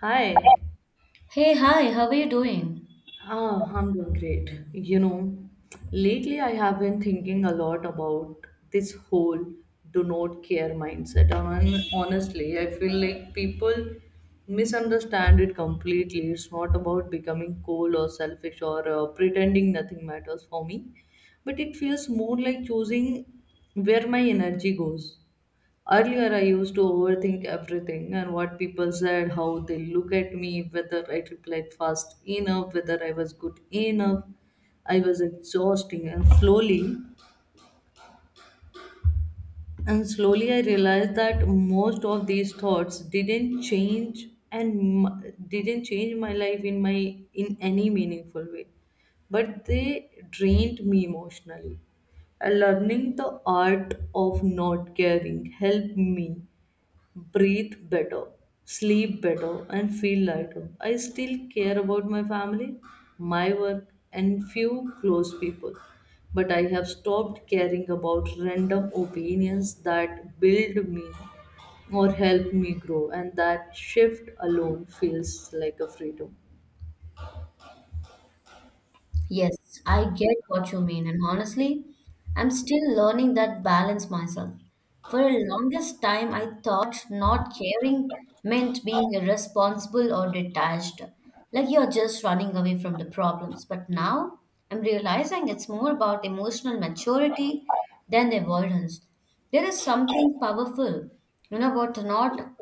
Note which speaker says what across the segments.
Speaker 1: Hi.
Speaker 2: Hey, hi, how are you doing?
Speaker 1: I'm doing great. You know, lately I have been thinking a lot about this whole do not care mindset. And honestly, I feel like people misunderstand it completely. It's not about becoming cold or selfish or pretending nothing matters for me, but it feels more like choosing where my energy goes. Earlier, I used to overthink everything and what people said, how they look at me, whether I replied fast enough, whether I was good enough. I was exhausting, and slowly, I realized that most of these thoughts didn't change didn't change my life in any meaningful way, but they drained me emotionally. And learning the art of not caring helped me breathe better, sleep better, and feel lighter. I still care about my family, my work, and few close people. But I have stopped caring about random opinions that build me or help me grow, and that shift alone feels like a freedom.
Speaker 2: Yes, I get what you mean, and honestly, I'm still learning that balance myself. For the longest time, I thought not caring meant being irresponsible or detached, like you're just running away from the problems. But now I'm realizing it's more about emotional maturity than the avoidance. There is something powerful, you know, about not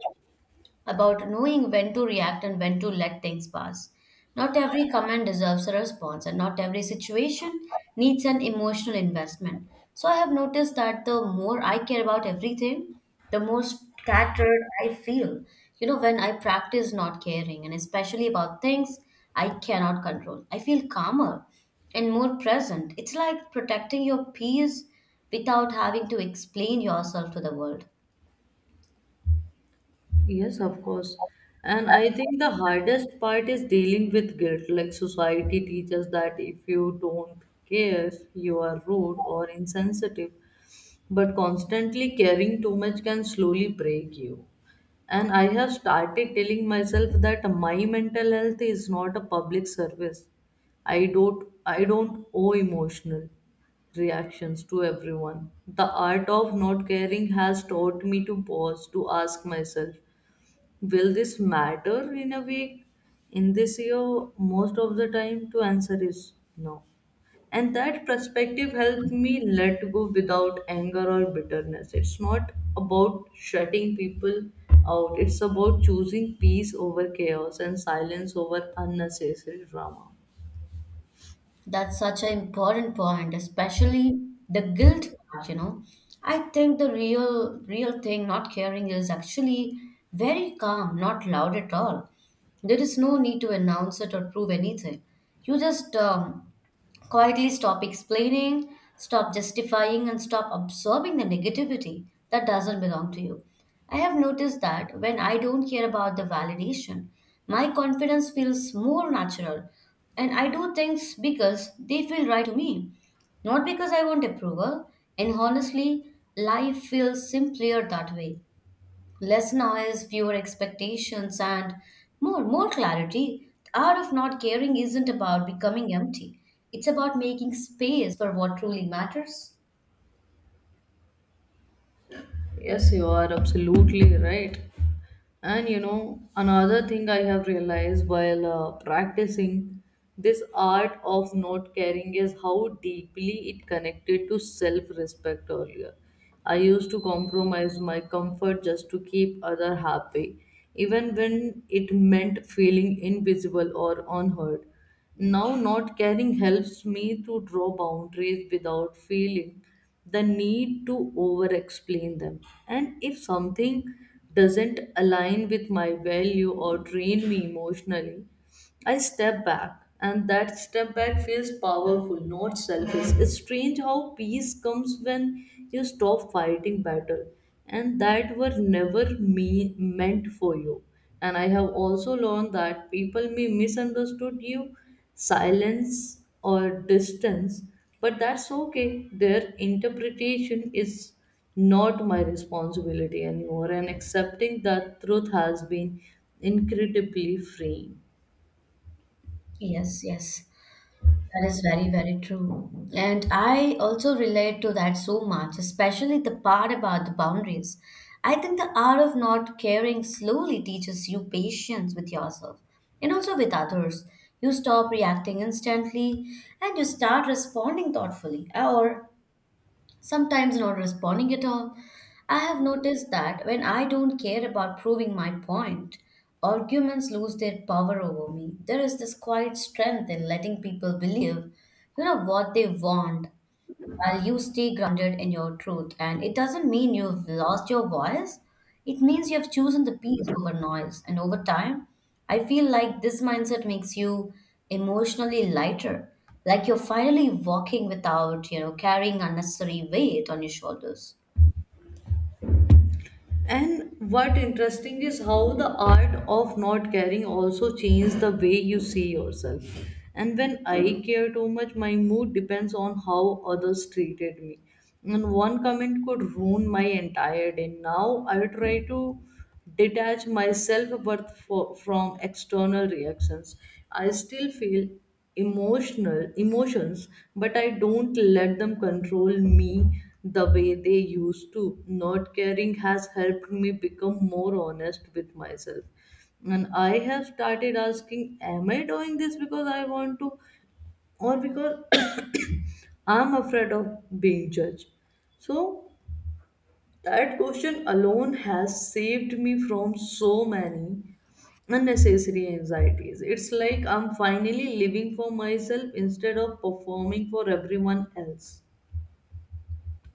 Speaker 2: about knowing when to react and when to let things pass. Not every comment deserves a response, and not every situation needs an emotional investment. So, I have noticed that the more I care about everything, the more scattered I feel. You know, when I practice not caring, and especially about things I cannot control, I feel calmer and more present. It's like protecting your peace without having to explain yourself to the world.
Speaker 1: Yes, of course. And I think the hardest part is dealing with guilt. Like society teaches that if you don't care, you are rude or insensitive. But constantly caring too much can slowly break you. And I have started telling myself that my mental health is not a public service. I don't owe emotional reactions to everyone. The art of not caring has taught me to pause to ask myself, will this matter in a week? In this year, most of the time, to answer is no. And that perspective helped me let go without anger or bitterness. It's not about shutting people out, it's about choosing peace over chaos and silence over unnecessary drama.
Speaker 2: That's such an important point, especially the guilt part, you know. I think the real thing not caring is actually very calm, not loud at all. There is no need to announce it or prove anything. You just quietly stop explaining, stop justifying, and stop absorbing the negativity that doesn't belong to you. I have noticed that when I don't care about the validation, my confidence feels more natural, and I do things because they feel right to me, not because I want approval. And honestly, life feels simpler that way, less noise, fewer expectations, and more clarity. The art of not caring isn't about becoming empty. It's about making space for what truly matters.
Speaker 1: Yes, you are absolutely right. And you know, another thing I have realized while practicing this art of not caring is how deeply it connected to self respect earlier. I used to compromise my comfort just to keep other happy, even when it meant feeling invisible or unheard. Now, not caring helps me to draw boundaries without feeling the need to over explain them. And if something doesn't align with my value or drain me emotionally, I step back, and that step back feels powerful, not selfish. It's strange how peace comes when you stop fighting battle, and that were never meant for you. And I have also learned that people may misunderstood you, silence or distance, but that's okay. Their interpretation is not my responsibility anymore, and accepting that truth has been incredibly freeing.
Speaker 2: Yes, yes. That is very, very true. And I also relate to that so much, especially the part about the boundaries. I think the art of not caring slowly teaches you patience with yourself and also with others. You stop reacting instantly and you start responding thoughtfully or sometimes not responding at all. I have noticed that when I don't care about proving my point, arguments lose their power over me. There is this quiet strength in letting people believe, you know, what they want while you stay grounded in your truth. And it doesn't mean you've lost your voice, it means you've chosen the peace over noise. And over time, I feel like this mindset makes you emotionally lighter, like you're finally walking without, you know, carrying unnecessary weight on your shoulders.
Speaker 1: And what interesting is how the art of not caring also changes the way you see yourself. And when I care too much, my mood depends on how others treated me. And one comment could ruin my entire day. Now I try to detach myself from external reactions. I still feel emotional emotions but I don't let them control me the way they used to. Not caring has helped me become more honest with myself, and I have started asking, am I doing this because I want to or because I'm afraid of being judged? So that question alone has saved me from so many unnecessary anxieties. It's like I'm finally living for myself instead of performing for everyone else.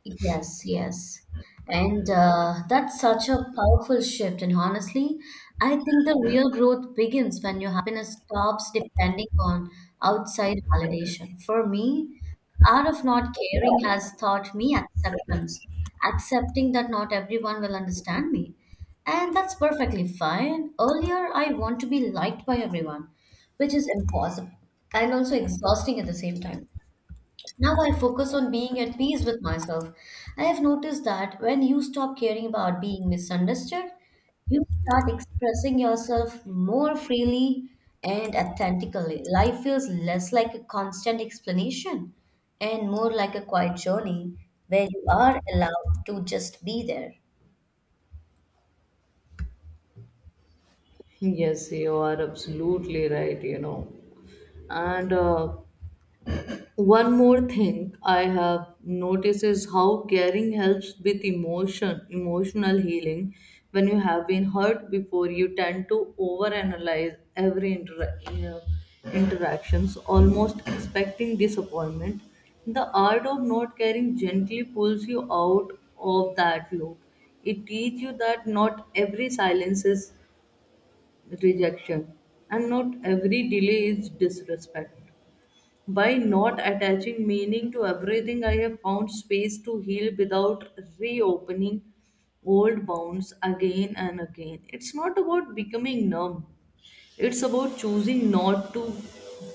Speaker 2: Yes, yes. And that's such a powerful shift. And honestly, I think the real growth begins when your happiness stops depending on outside validation. For me, the art of not caring has taught me acceptance, accepting that not everyone will understand me. And that's perfectly fine. Earlier, I want to be liked by everyone, which is impossible and also exhausting at the same time. Now I focus on being at peace with myself. I have noticed that when you stop caring about being misunderstood, you start expressing yourself more freely and authentically. Life feels less like a constant explanation and more like a quiet journey where you are allowed to just be there.
Speaker 1: Yes, you are absolutely right, you know. And One more thing I have noticed is how caring helps with emotional healing. When you have been hurt before, you tend to overanalyze every interactions, almost expecting disappointment. The art of not caring gently pulls you out of that loop. It teaches you that not every silence is rejection, and not every delay is disrespect. By not attaching meaning to everything, I have found space to heal without reopening old wounds again and again. It's not about becoming numb, it's about choosing not to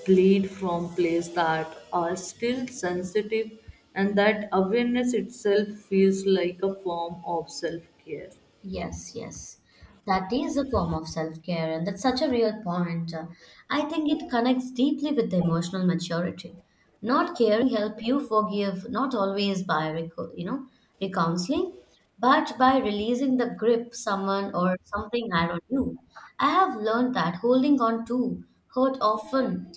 Speaker 1: bleed from places that are still sensitive, and that awareness itself feels like a form of self care.
Speaker 2: Yes, yes. That is a form of self-care, and that's such a real point. I think it connects deeply with the emotional maturity. Not caring help you forgive, not always by you know, recounseling, but by releasing the grip someone or something had on you. I have learned that holding on to hurt often,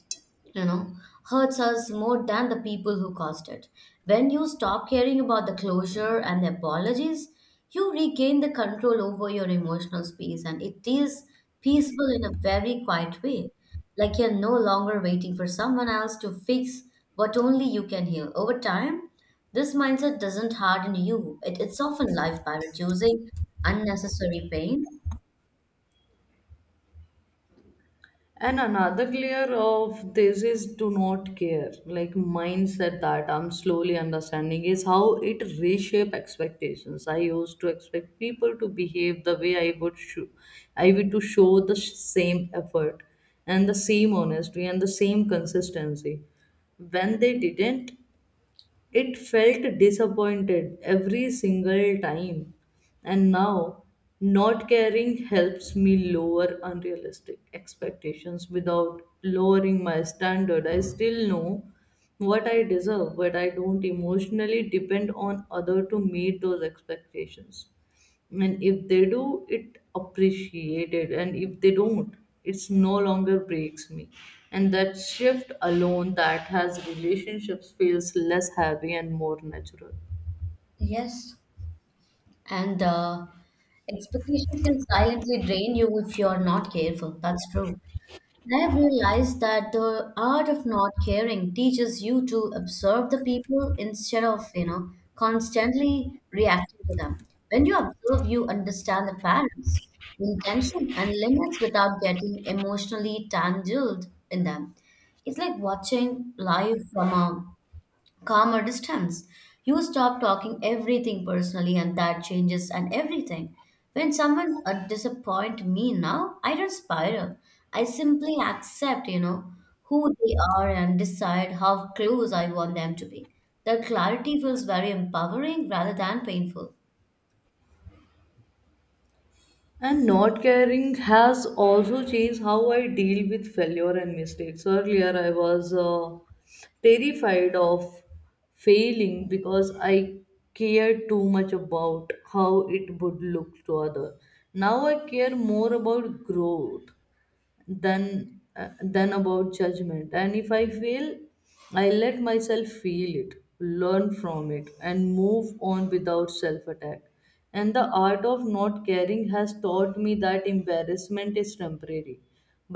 Speaker 2: you know, hurts us more than the people who caused it. When you stop caring about the closure and the apologies, you regain the control over your emotional space and it is peaceful in a very quiet way. Like you're no longer waiting for someone else to fix what only you can heal. Over time, this mindset doesn't harden you, it softens life by reducing unnecessary pain.
Speaker 1: And another layer of this is do not care, like mindset that I'm slowly understanding is how it reshape expectations. I used to expect people to behave the way I would show, I would to show the same effort and the same honesty and the same consistency. When they didn't, it felt disappointed every single time, and now not caring helps me lower unrealistic expectations without lowering my standard. I still know what I deserve, but I don't emotionally depend on other to meet those expectations. And if they do it appreciated, and if they don't, it's no longer breaks me, and that shift alone that has relationships feels less heavy and more natural.
Speaker 2: Yes, and expectations can silently drain you if you're not careful. That's true. I have realized that the art of not caring teaches you to observe the people instead of, you know, constantly reacting to them. When you observe, you understand the patterns, intention, and limits without getting emotionally tangled in them. It's like watching life from a calmer distance. You stop talking everything personally, and that changes and everything. When someone disappoint me now, I don't spiral. I simply accept, you know, who they are and decide how close I want them to be. The clarity feels very empowering rather than painful.
Speaker 1: And not caring has also changed how I deal with failure and mistakes. Earlier, I was terrified of failing because I cared too much about how it would look to other. Now I care more about growth, than about judgment. And if I fail, I let myself feel it, learn from it, and move on without self attack. And the art of not caring has taught me that embarrassment is temporary,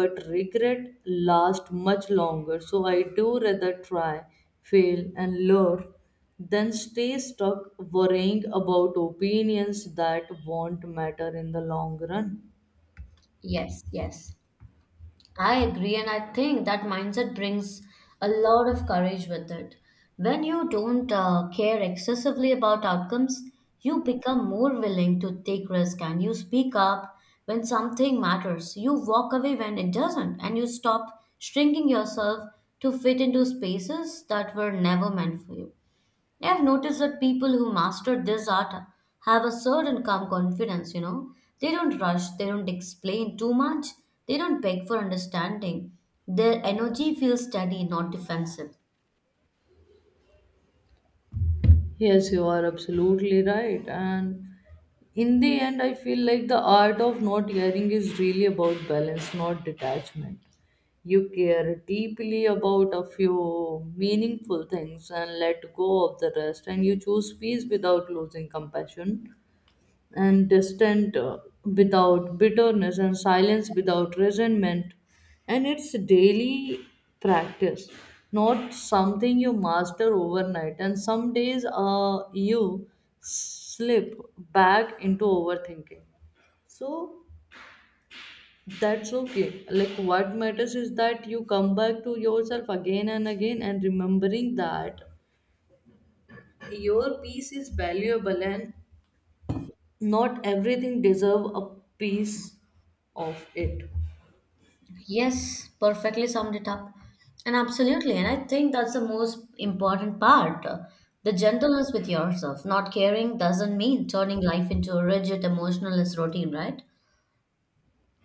Speaker 1: but regret lasts much longer. So I do rather try, fail, and learn than stay stuck worrying about opinions that won't matter in the long run.
Speaker 2: Yes, yes. I agree, and I think that mindset brings a lot of courage with it. When you don't care excessively about outcomes, you become more willing to take risk and you speak up when something matters. You walk away when it doesn't, and you stop shrinking yourself to fit into spaces that were never meant for you. I've noticed that people who master this art have a certain calm confidence, you know. They don't rush, they don't explain too much, they don't beg for understanding. Their energy feels steady, not defensive.
Speaker 1: Yes, you are absolutely right. And in the end, I feel like the art of not caring is really about balance, not detachment. You care deeply about a few meaningful things and let go of the rest, and you choose peace without losing compassion, and distant without bitterness, and silence without resentment. And it's daily practice, not something you master overnight. And some days you slip back into overthinking, so that's okay. Like what matters is that you come back to yourself again and again, and remembering that your peace is valuable and not everything deserve a piece of it.
Speaker 2: Yes, perfectly summed it up. And absolutely, and I think that's the most important part. The gentleness with yourself. Not caring doesn't mean turning life into a rigid, emotionless routine, right?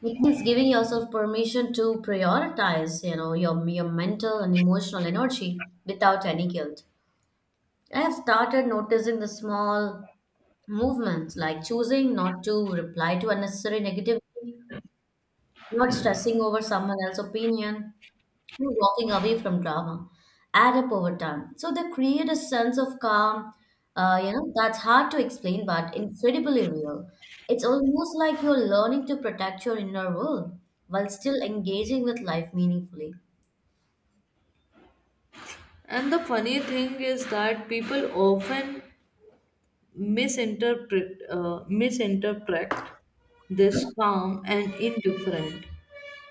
Speaker 2: It means giving yourself permission to prioritize, you know, your mental and emotional energy without any guilt. I have started noticing the small movements like choosing not to reply to unnecessary negativity, not stressing over someone else's opinion, who walking away from drama add up over time. So they create a sense of calm, you know, that's hard to explain but incredibly real. It's almost like you're learning to protect your inner world while still engaging with life meaningfully.
Speaker 1: And the funny thing is that people often misinterpret this calm and indifferent,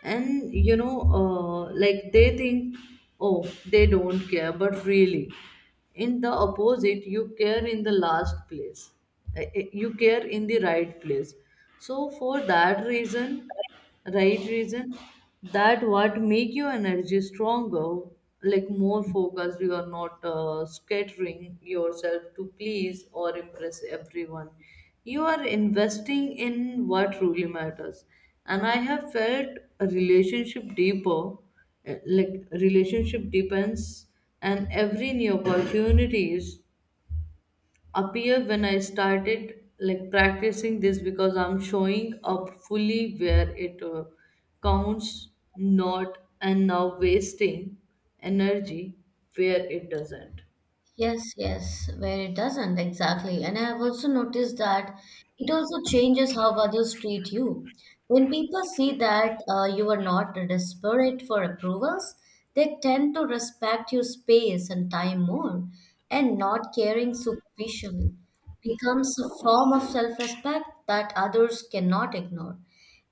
Speaker 1: and you know like they think, oh, they don't care, but really, in the opposite, you care in the last place. You care in the right place, so for that reason, right reason, that what make your energy stronger, like more focused. You are not scattering yourself to please or impress everyone. You are investing in what truly matters. And I have felt a relationship deeper, like relationship depends, and every new opportunities appear when I started like practicing this, because I'm showing up fully where it counts, not and now wasting energy where it doesn't.
Speaker 2: Yes, yes, where it doesn't exactly. And I have also noticed that it also changes how others treat you. When people see that you are not desperate for approvals, they tend to respect your space and time more and not caring superficially becomes a form of self respect that others cannot ignore.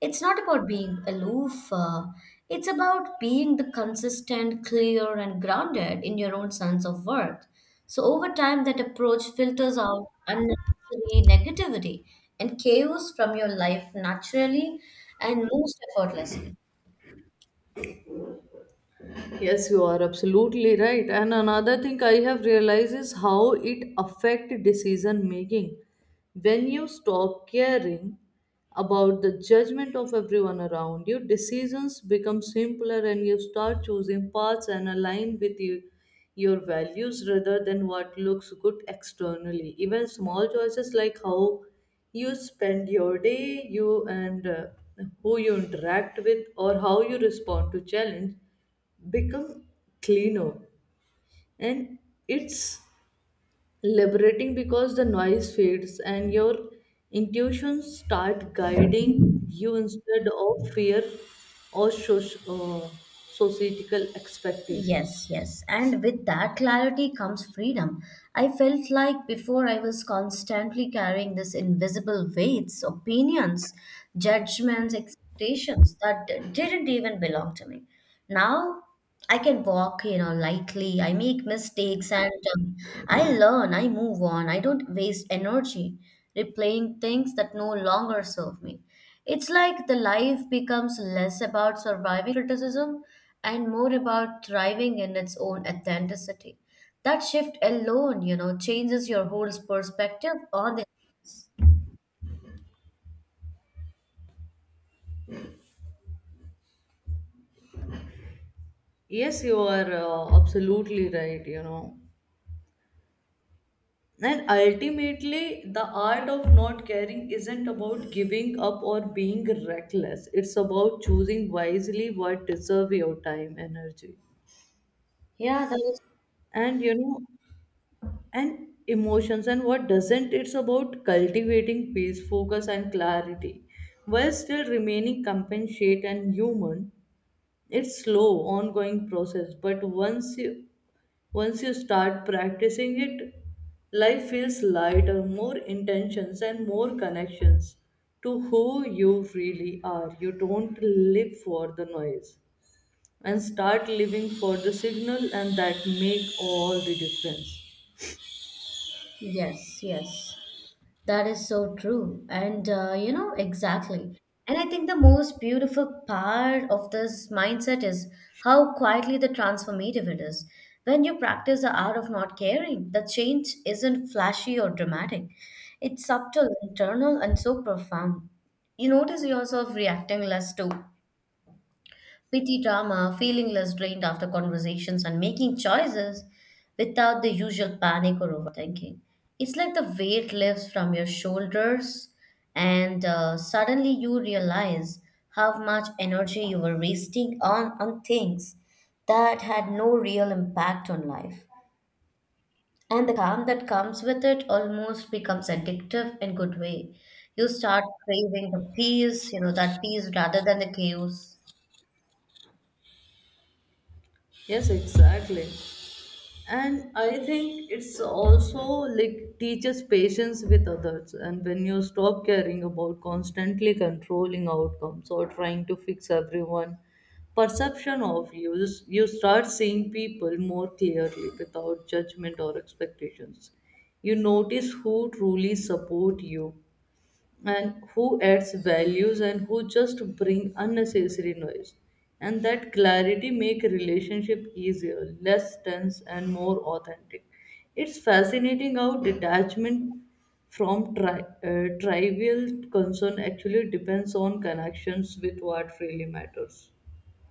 Speaker 2: It's not about being aloof, it's about being the consistent, clear, and grounded in your own sense of worth. So, over time, that approach filters out unnecessary negativity and chaos from your life naturally and most effortlessly.
Speaker 1: Yes, you are absolutely right. And another thing I have realized is how it affect decision making. When you stop caring about the judgment of everyone around you, decisions become simpler, and you start choosing paths and align with you, your values rather than what looks good externally. Even small choices like how you spend your day, you and who you interact with, or how you respond to challenge become cleaner, and it's liberating because the noise fades and your intuitions start guiding you instead of fear or societal expectations.
Speaker 2: Yes, yes. And with that clarity comes freedom. I felt like before I was constantly carrying this invisible weights, opinions, judgments, expectations that didn't even belong to me. Now I can walk, you know, lightly. I make mistakes and um, I learn, I move on. I don't waste energy replaying things that no longer serve me. It's like the life becomes less about surviving criticism and more about thriving in its own authenticity. That shift alone, you know, changes your whole perspective on the.
Speaker 1: Yes, you are absolutely right, you know. And ultimately, the art of not caring isn't about giving up or being reckless. It's about choosing wisely what deserve your time, energy,
Speaker 2: Yeah, that is.
Speaker 1: and you know, and emotions, and what doesn't. It's about cultivating peace, focus, and clarity while still remaining compassionate and human. It's slow, ongoing process, but once you start practicing it, life feels lighter, more intentions, and more connections to who you really are. You don't live for the noise and start living for the signal, and that make all the difference.
Speaker 2: Yes, yes. That is so true. And, you know, exactly. And I think the most beautiful part of this mindset is how quietly the transformative it is. When you practice the art of not caring, the change isn't flashy or dramatic. It's subtle, internal, and so profound. You notice yourself reacting less to petty drama, feeling less drained after conversations, and making choices without the usual panic or overthinking. It's like the weight lifts from your shoulders, and suddenly you realize how much energy you were wasting on things that had no real impact on life. And the calm that comes with it almost becomes addictive in good way. You start craving the peace, you know, that peace rather than the chaos.
Speaker 1: Yes, exactly. And I think it's also like teaches patience with others. And when you stop caring about constantly controlling outcomes or trying to fix everyone perception of you, you start seeing people more clearly without judgment or expectations. You notice who truly support you, and who adds values, and who just bring unnecessary noise. And that clarity make relationship easier, less tense, and more authentic. It's fascinating how detachment from trivial concern actually depends on connections with what really matters.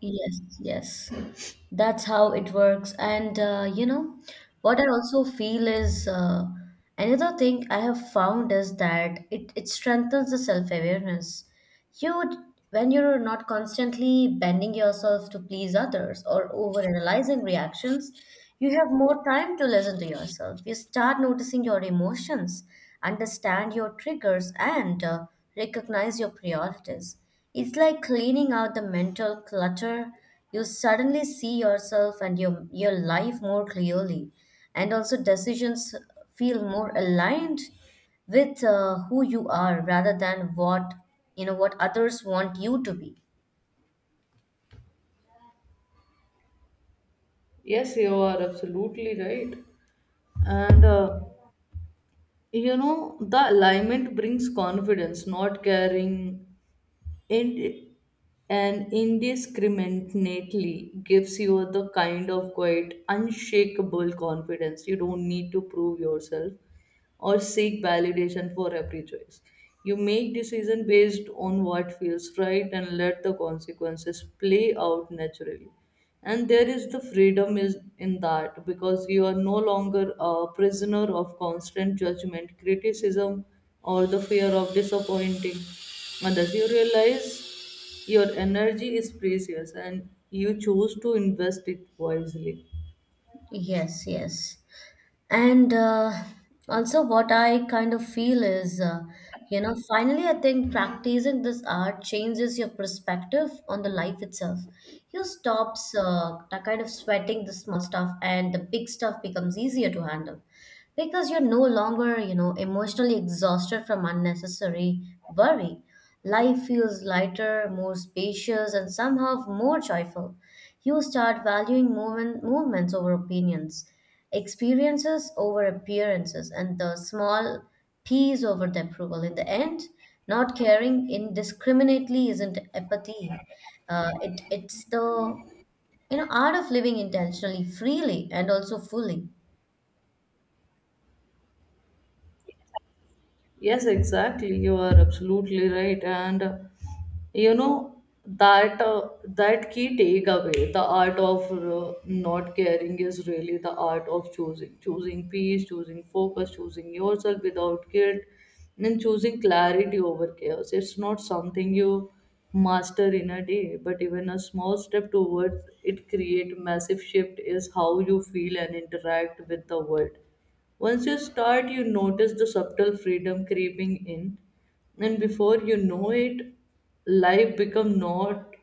Speaker 2: Yes, yes. That's how it works. And you know, what I also feel is another thing I have found is that it strengthens the self-awareness. You, when you're not constantly bending yourself to please others or overanalyzing reactions, you have more time to listen to yourself. You start noticing your emotions, understand your triggers, and recognize your priorities. It's like cleaning out the mental clutter, you suddenly see yourself and your life more clearly and also decisions feel more aligned with who you are rather than what, you know, what others want you to be.
Speaker 1: Yes, you are absolutely right. and You know, the alignment brings confidence. Not caring It and indiscriminately gives you the kind of quiet, unshakable confidence. You don't need to prove yourself or seek validation for every choice. You make decision based on what feels right and let the consequences play out naturally. And there is the freedom is in that, because you are no longer a prisoner of constant judgment, criticism, or the fear of disappointing others. You realize your energy is precious and you choose to invest it wisely.
Speaker 2: Yes, yes. And also, what I kind of feel is, you know, finally, I think practicing this art changes your perspective on the life itself. You stops that kind of sweating the small stuff, and the big stuff becomes easier to handle because you're no longer, you know, emotionally exhausted from unnecessary worry. Life feels lighter, more spacious, and somehow more joyful. You start valuing movements over opinions, experiences over appearances, and the small P's over the approval. In the end, not caring indiscriminately isn't apathy. It's the, you know, art of living intentionally, freely, and also fully.
Speaker 1: Yes, exactly. You are absolutely right. And You know that key takeaway, the art of not caring is really the art of choosing peace, choosing focus, choosing yourself without guilt, and choosing clarity over chaos. It's not something you master in a day, but even a small step towards it create massive shift is how you feel and interact with the world. Once you start, you notice the subtle freedom creeping in, and before you know it, life become not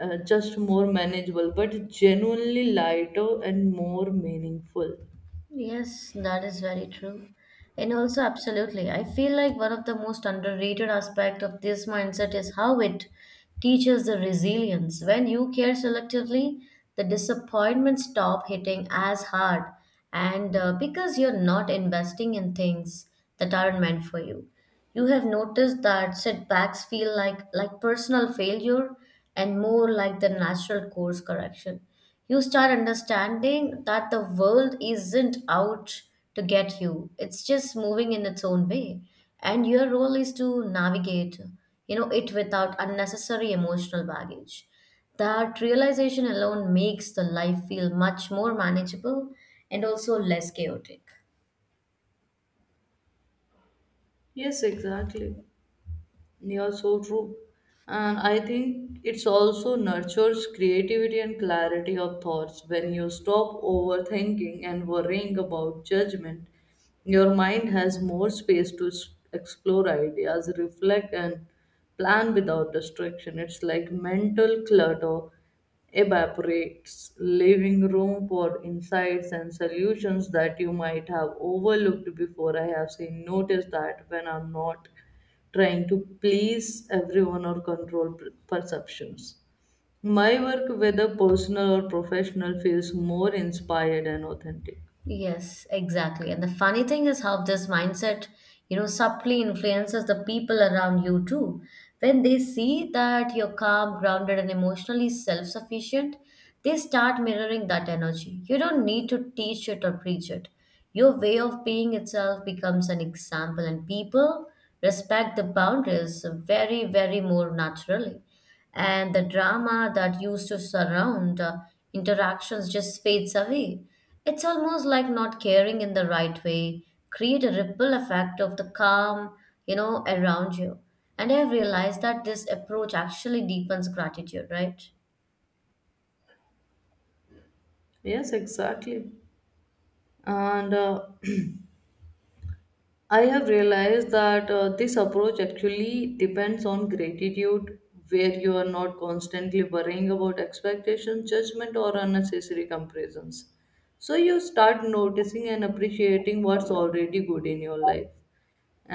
Speaker 1: just more manageable, but genuinely lighter and more meaningful.
Speaker 2: Yes, that is very true. And also, absolutely, I feel like one of the most underrated aspect of this mindset is how it teaches the resilience. When you care selectively, the disappointments stop hitting as hard, and because you're not investing in things that aren't meant for you. You have noticed that setbacks feel like personal failure and more like the natural course correction. You start understanding that the world isn't out to get you, it's just moving in its own way, and your role is to navigate, it, without unnecessary emotional baggage. That realization alone makes the life feel much more manageable and also less chaotic.
Speaker 1: Yes, exactly. Yeah, so true. And I think it's also nurtures creativity and clarity of thoughts. When you stop overthinking and worrying about judgment, your mind has more space to explore ideas, reflect, and plan without distraction. It's like mental clutter evaporates, leaving room for insights and solutions that you might have overlooked before. I have seen, noticed that when I'm not trying to please everyone or control perceptions. My work, whether personal or professional, feels more inspired and authentic.
Speaker 2: Yes, exactly. And the funny thing is how this mindset, subtly influences the people around you too. When they see that you're calm, grounded, and emotionally self-sufficient, they start mirroring that energy. You don't need to teach it or preach it. Your way of being itself becomes an example, and people respect the boundaries very, very more naturally, and the drama that used to surround interactions just fades away. It's almost like not caring in the right way, create a ripple effect of the calm, around you. And I have realized that this approach actually deepens gratitude, right?
Speaker 1: Yes, exactly. And I have realized that this approach actually depends on gratitude, where you are not constantly worrying about expectations, judgment, or unnecessary comparisons. So you start noticing and appreciating what's already good in your life.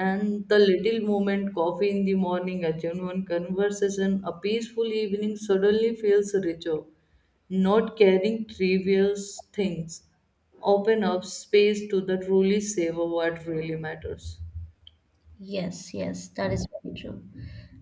Speaker 1: And the little moment coffee in the morning, a genuine conversation, a peaceful evening suddenly feels richer. Not carrying trivial things open up space to the truly savor what really matters.
Speaker 2: Yes, yes, that is very true.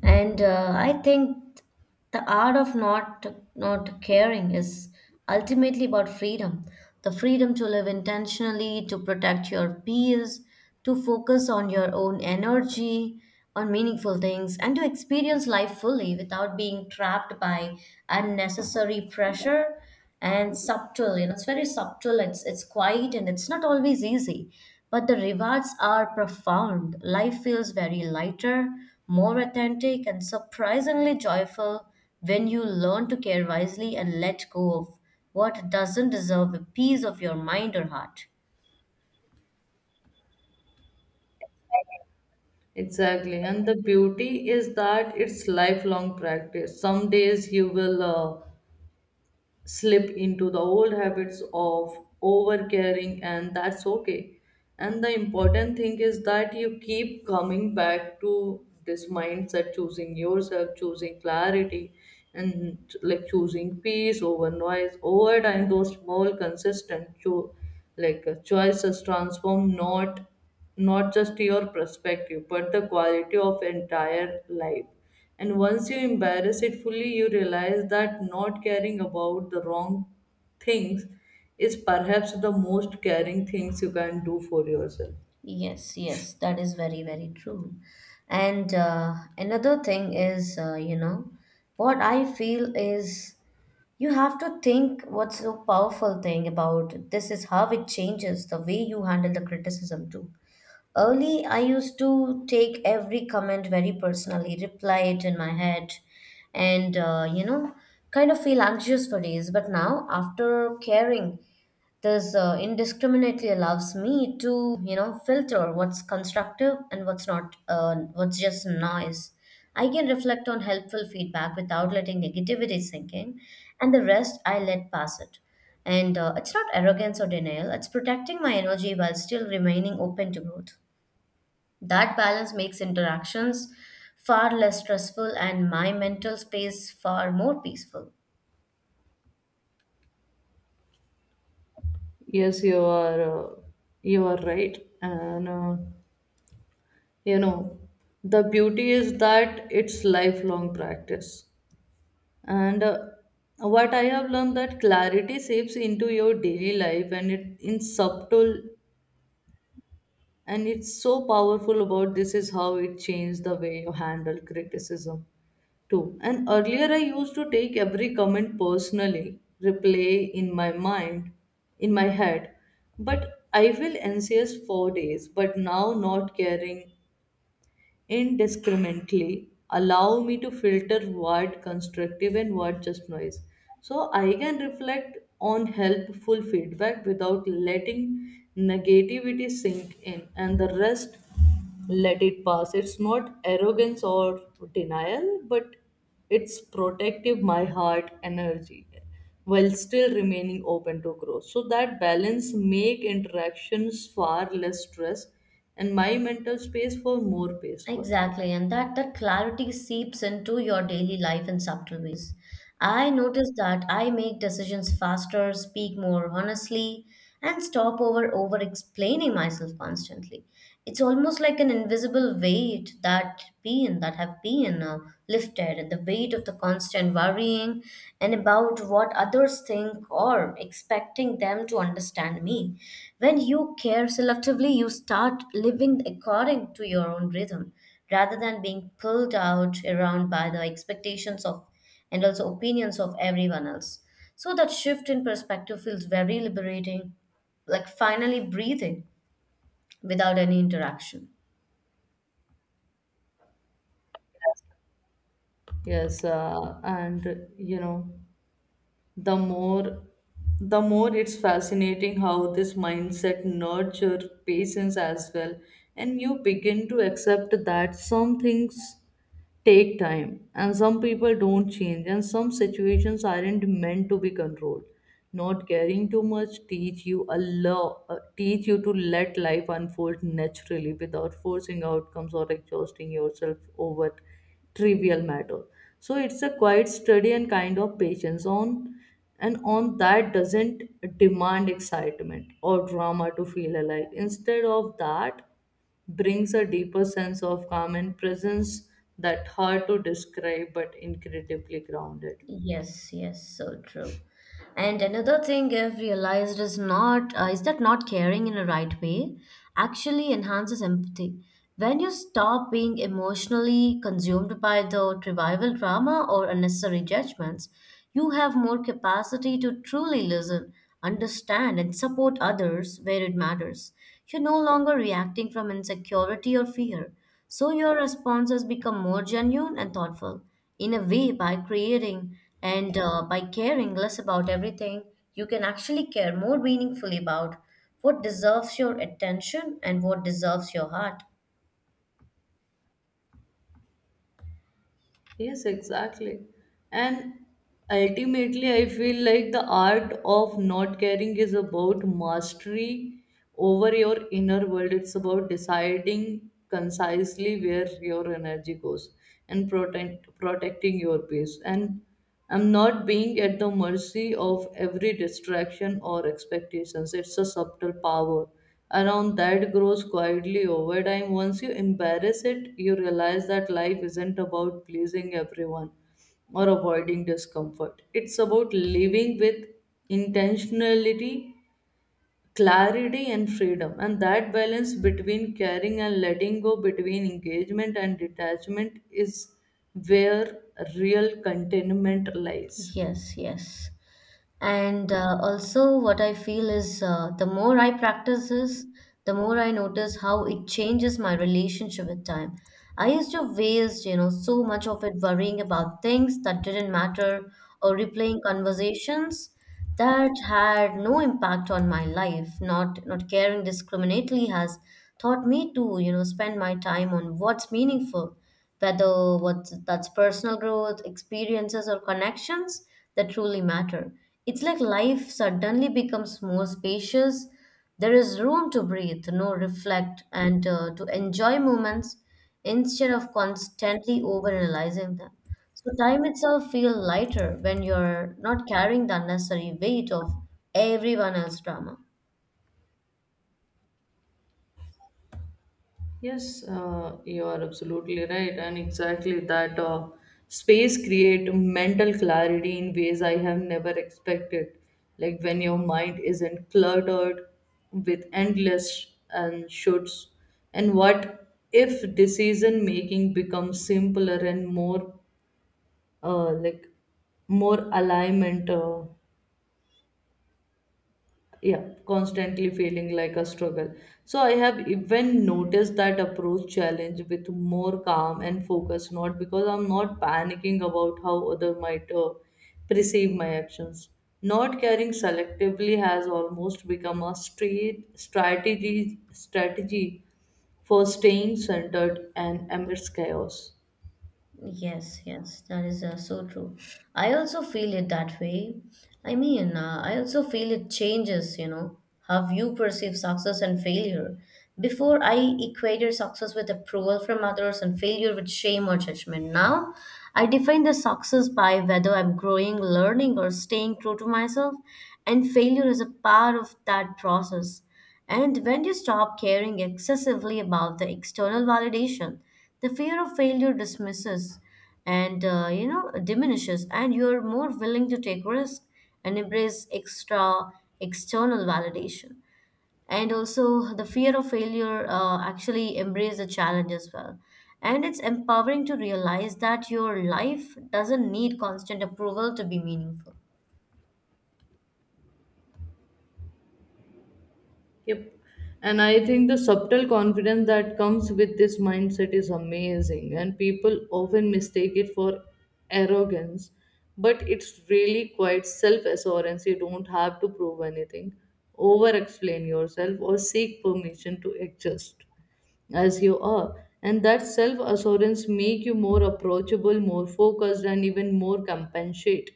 Speaker 2: And I think the art of not caring is ultimately about freedom. The freedom to live intentionally, to protect your peers, to focus on your own energy, on meaningful things, and to experience life fully without being trapped by unnecessary pressure and subtle, it's very subtle, it's quiet, and it's not always easy, but the rewards are profound. Life feels very lighter, more authentic, and surprisingly joyful when you learn to care wisely and let go of what doesn't deserve a piece of your mind or heart.
Speaker 1: Exactly, and the beauty is that it's lifelong practice. Some days you will slip into the old habits of overcaring, and that's okay. And the important thing is that you keep coming back to this mindset, choosing yourself, choosing clarity, and like choosing peace over noise. Over time, those small consistent choices transform not just your perspective but the quality of entire life. And once you embrace it fully, you realize that not caring about the wrong things is perhaps the most caring things you can do for yourself.
Speaker 2: Yes, yes, that is very, very true. And another thing is, what I feel is, you have to think what's so powerful thing about this is how it changes the way you handle the criticism too. Early, I used to take every comment very personally, reply it in my head, and kind of feel anxious for days. But now, after caring this indiscriminately allows me to, filter what's constructive and what's not, what's just noise. I can reflect on helpful feedback without letting negativity sink in, and the rest I let pass it. And it's not arrogance or denial, it's protecting my energy while still remaining open to growth. That balance makes interactions far less stressful and my mental space far more peaceful.
Speaker 1: Yes, uh, you are right, and you know the beauty is that it's lifelong practice. And What I have learned that clarity seeps into your daily life, and it in subtle. And it's so powerful about this is how it changed the way you handle criticism too. And earlier I used to take every comment personally, replay in my mind, in my head. But I will NCS for days, but now not caring indiscriminately allow me to filter what constructive and what just noise. So I can reflect on helpful feedback without letting negativity sink in, and the rest let it pass. It's not arrogance or denial, but it's protective my heart energy while still remaining open to growth. So that balance make interactions far less stress and my mental space for more peaceful.
Speaker 2: Exactly, and that clarity seeps into your daily life in subtle ways. I notice that I make decisions faster, speak more honestly, and stop over explaining myself constantly. It's almost like an invisible weight that been that have been lifted, and the weight of the constant worry being and about what others think or expecting them to understand me. When you care selectively, you start living according to your own rhythm rather than being pulled out around by the expectations of and also opinions of everyone else. So that shift in perspective feels very liberating, like finally breathing without any interaction.
Speaker 1: Yes, and you know the more the more it's fascinating how this mindset nurture patience as well. And you begin to accept that some things take time, and some people don't change, and some situations aren't meant to be controlled. Not caring too much teach you teach you to let life unfold naturally without forcing outcomes or exhausting yourself over trivial matter. So it's a quiet study and kind of patience on and on that doesn't demand excitement or drama to feel alive. Instead of that, brings a deeper sense of calm and presence that hard to describe but incredibly grounded.
Speaker 2: Yes, yes, so true. And another thing I've realized is not is that not caring in a right way actually enhances empathy. When you stop being emotionally consumed by the revival drama or unnecessary judgments, you have more capacity to truly listen, understand, and support others where it matters. You're no longer reacting from insecurity or fear, so your responses become more genuine and thoughtful in a way by creating. And by caring less about everything, you can actually care more meaningfully about what deserves your attention and what deserves your heart.
Speaker 1: Yes, exactly. And ultimately, I feel like the art of not caring is about mastery over your inner world. It's about deciding concisely where your energy goes and protecting your peace. And I'm not being at the mercy of every distraction or expectations. It's a subtle power around that grows quietly over time. Once you embrace it, you realize that life isn't about pleasing everyone or avoiding discomfort. It's about living with intentionality, clarity and freedom, and that balance between caring and letting go, between engagement and detachment, is where real contentment lies.
Speaker 2: Yes, yes. And also what I feel is, the more I practice this, the more I notice how it changes my relationship with time. I used to waste, so much of it worrying about things that didn't matter, or replaying conversations that had no impact on my life. Not caring discriminately has taught me to, spend my time on what's meaningful, whether what's that's personal growth, experiences, or connections that truly matter. It's like life suddenly becomes more spacious. There is room to breathe, no reflect, and to enjoy moments instead of constantly overanalyzing them. So time itself feels lighter when you're not carrying the unnecessary weight of everyone else's drama.
Speaker 1: Yes, you are absolutely right, and exactly that space create mental clarity in ways I have never expected. Like when your mind isn't cluttered with endless and shoulds and what if, decision making becomes simpler and more uh, like more alignment, yeah constantly feeling like a struggle. So I have even noticed that approach challenge with more calm and focus, not because I'm not panicking about how other might perceive my actions. Not caring selectively has almost become a straight strategy strategy for staying centered and amidst chaos.
Speaker 2: Yes, yes, that is so true. I also feel it that way. I mean, I also feel it changes, how you perceive success and failure. Before, I equated success with approval from others and failure with shame or judgment. Now, I define the success by whether I'm growing, learning, or staying true to myself, and failure is a part of that process. And when you stop caring excessively about the external validation, the fear of failure dismisses and diminishes, and you're more willing to take risk and embrace extra external validation. And also, the fear of failure actually embrace the challenge as well. And it's empowering to realize that your life doesn't need constant approval to be meaningful.
Speaker 1: Yep. And I think the subtle confidence that comes with this mindset is amazing, and people often mistake it for arrogance, but it's really quite self assurance. You don't have to prove anything, over explain yourself, or seek permission to adjust as you are. And that self assurance make you more approachable, more focused, and even more compensate,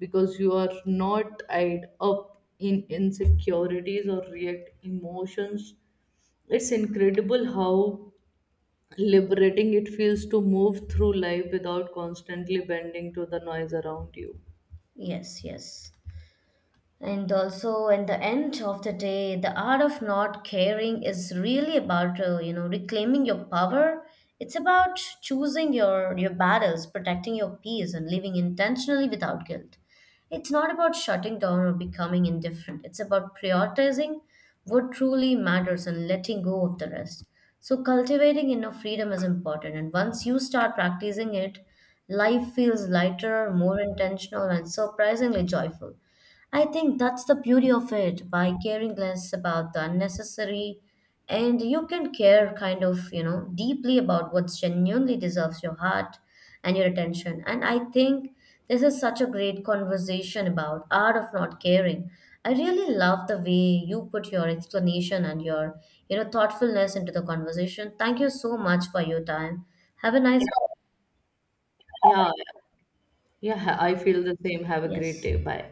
Speaker 1: because you are not tied up in insecurities or react emotions. It's incredible how liberating it feels to move through life without constantly bending to the noise around you.
Speaker 2: Yes, yes. And also, at the end of the day, the art of not caring is really about reclaiming your power. It's about choosing your battles, protecting your peace, and living intentionally without guilt. It's not about shutting down or becoming indifferent. It's about prioritizing what truly matters and letting go of the rest. So cultivating inner freedom is important, and once you start practicing it, life feels lighter, more intentional, and surprisingly joyful. I think that's the beauty of it. By caring less about the unnecessary, and you can care kind of, deeply about what genuinely deserves your heart and your attention. And I think this is such a great conversation about art of not caring. I really love the way you put your explanation and your, thoughtfulness into the conversation. Thank you so much for your time. Have a nice.
Speaker 1: Yeah. Yeah, I feel the same. Have a great
Speaker 2: Yes.
Speaker 1: day. Bye.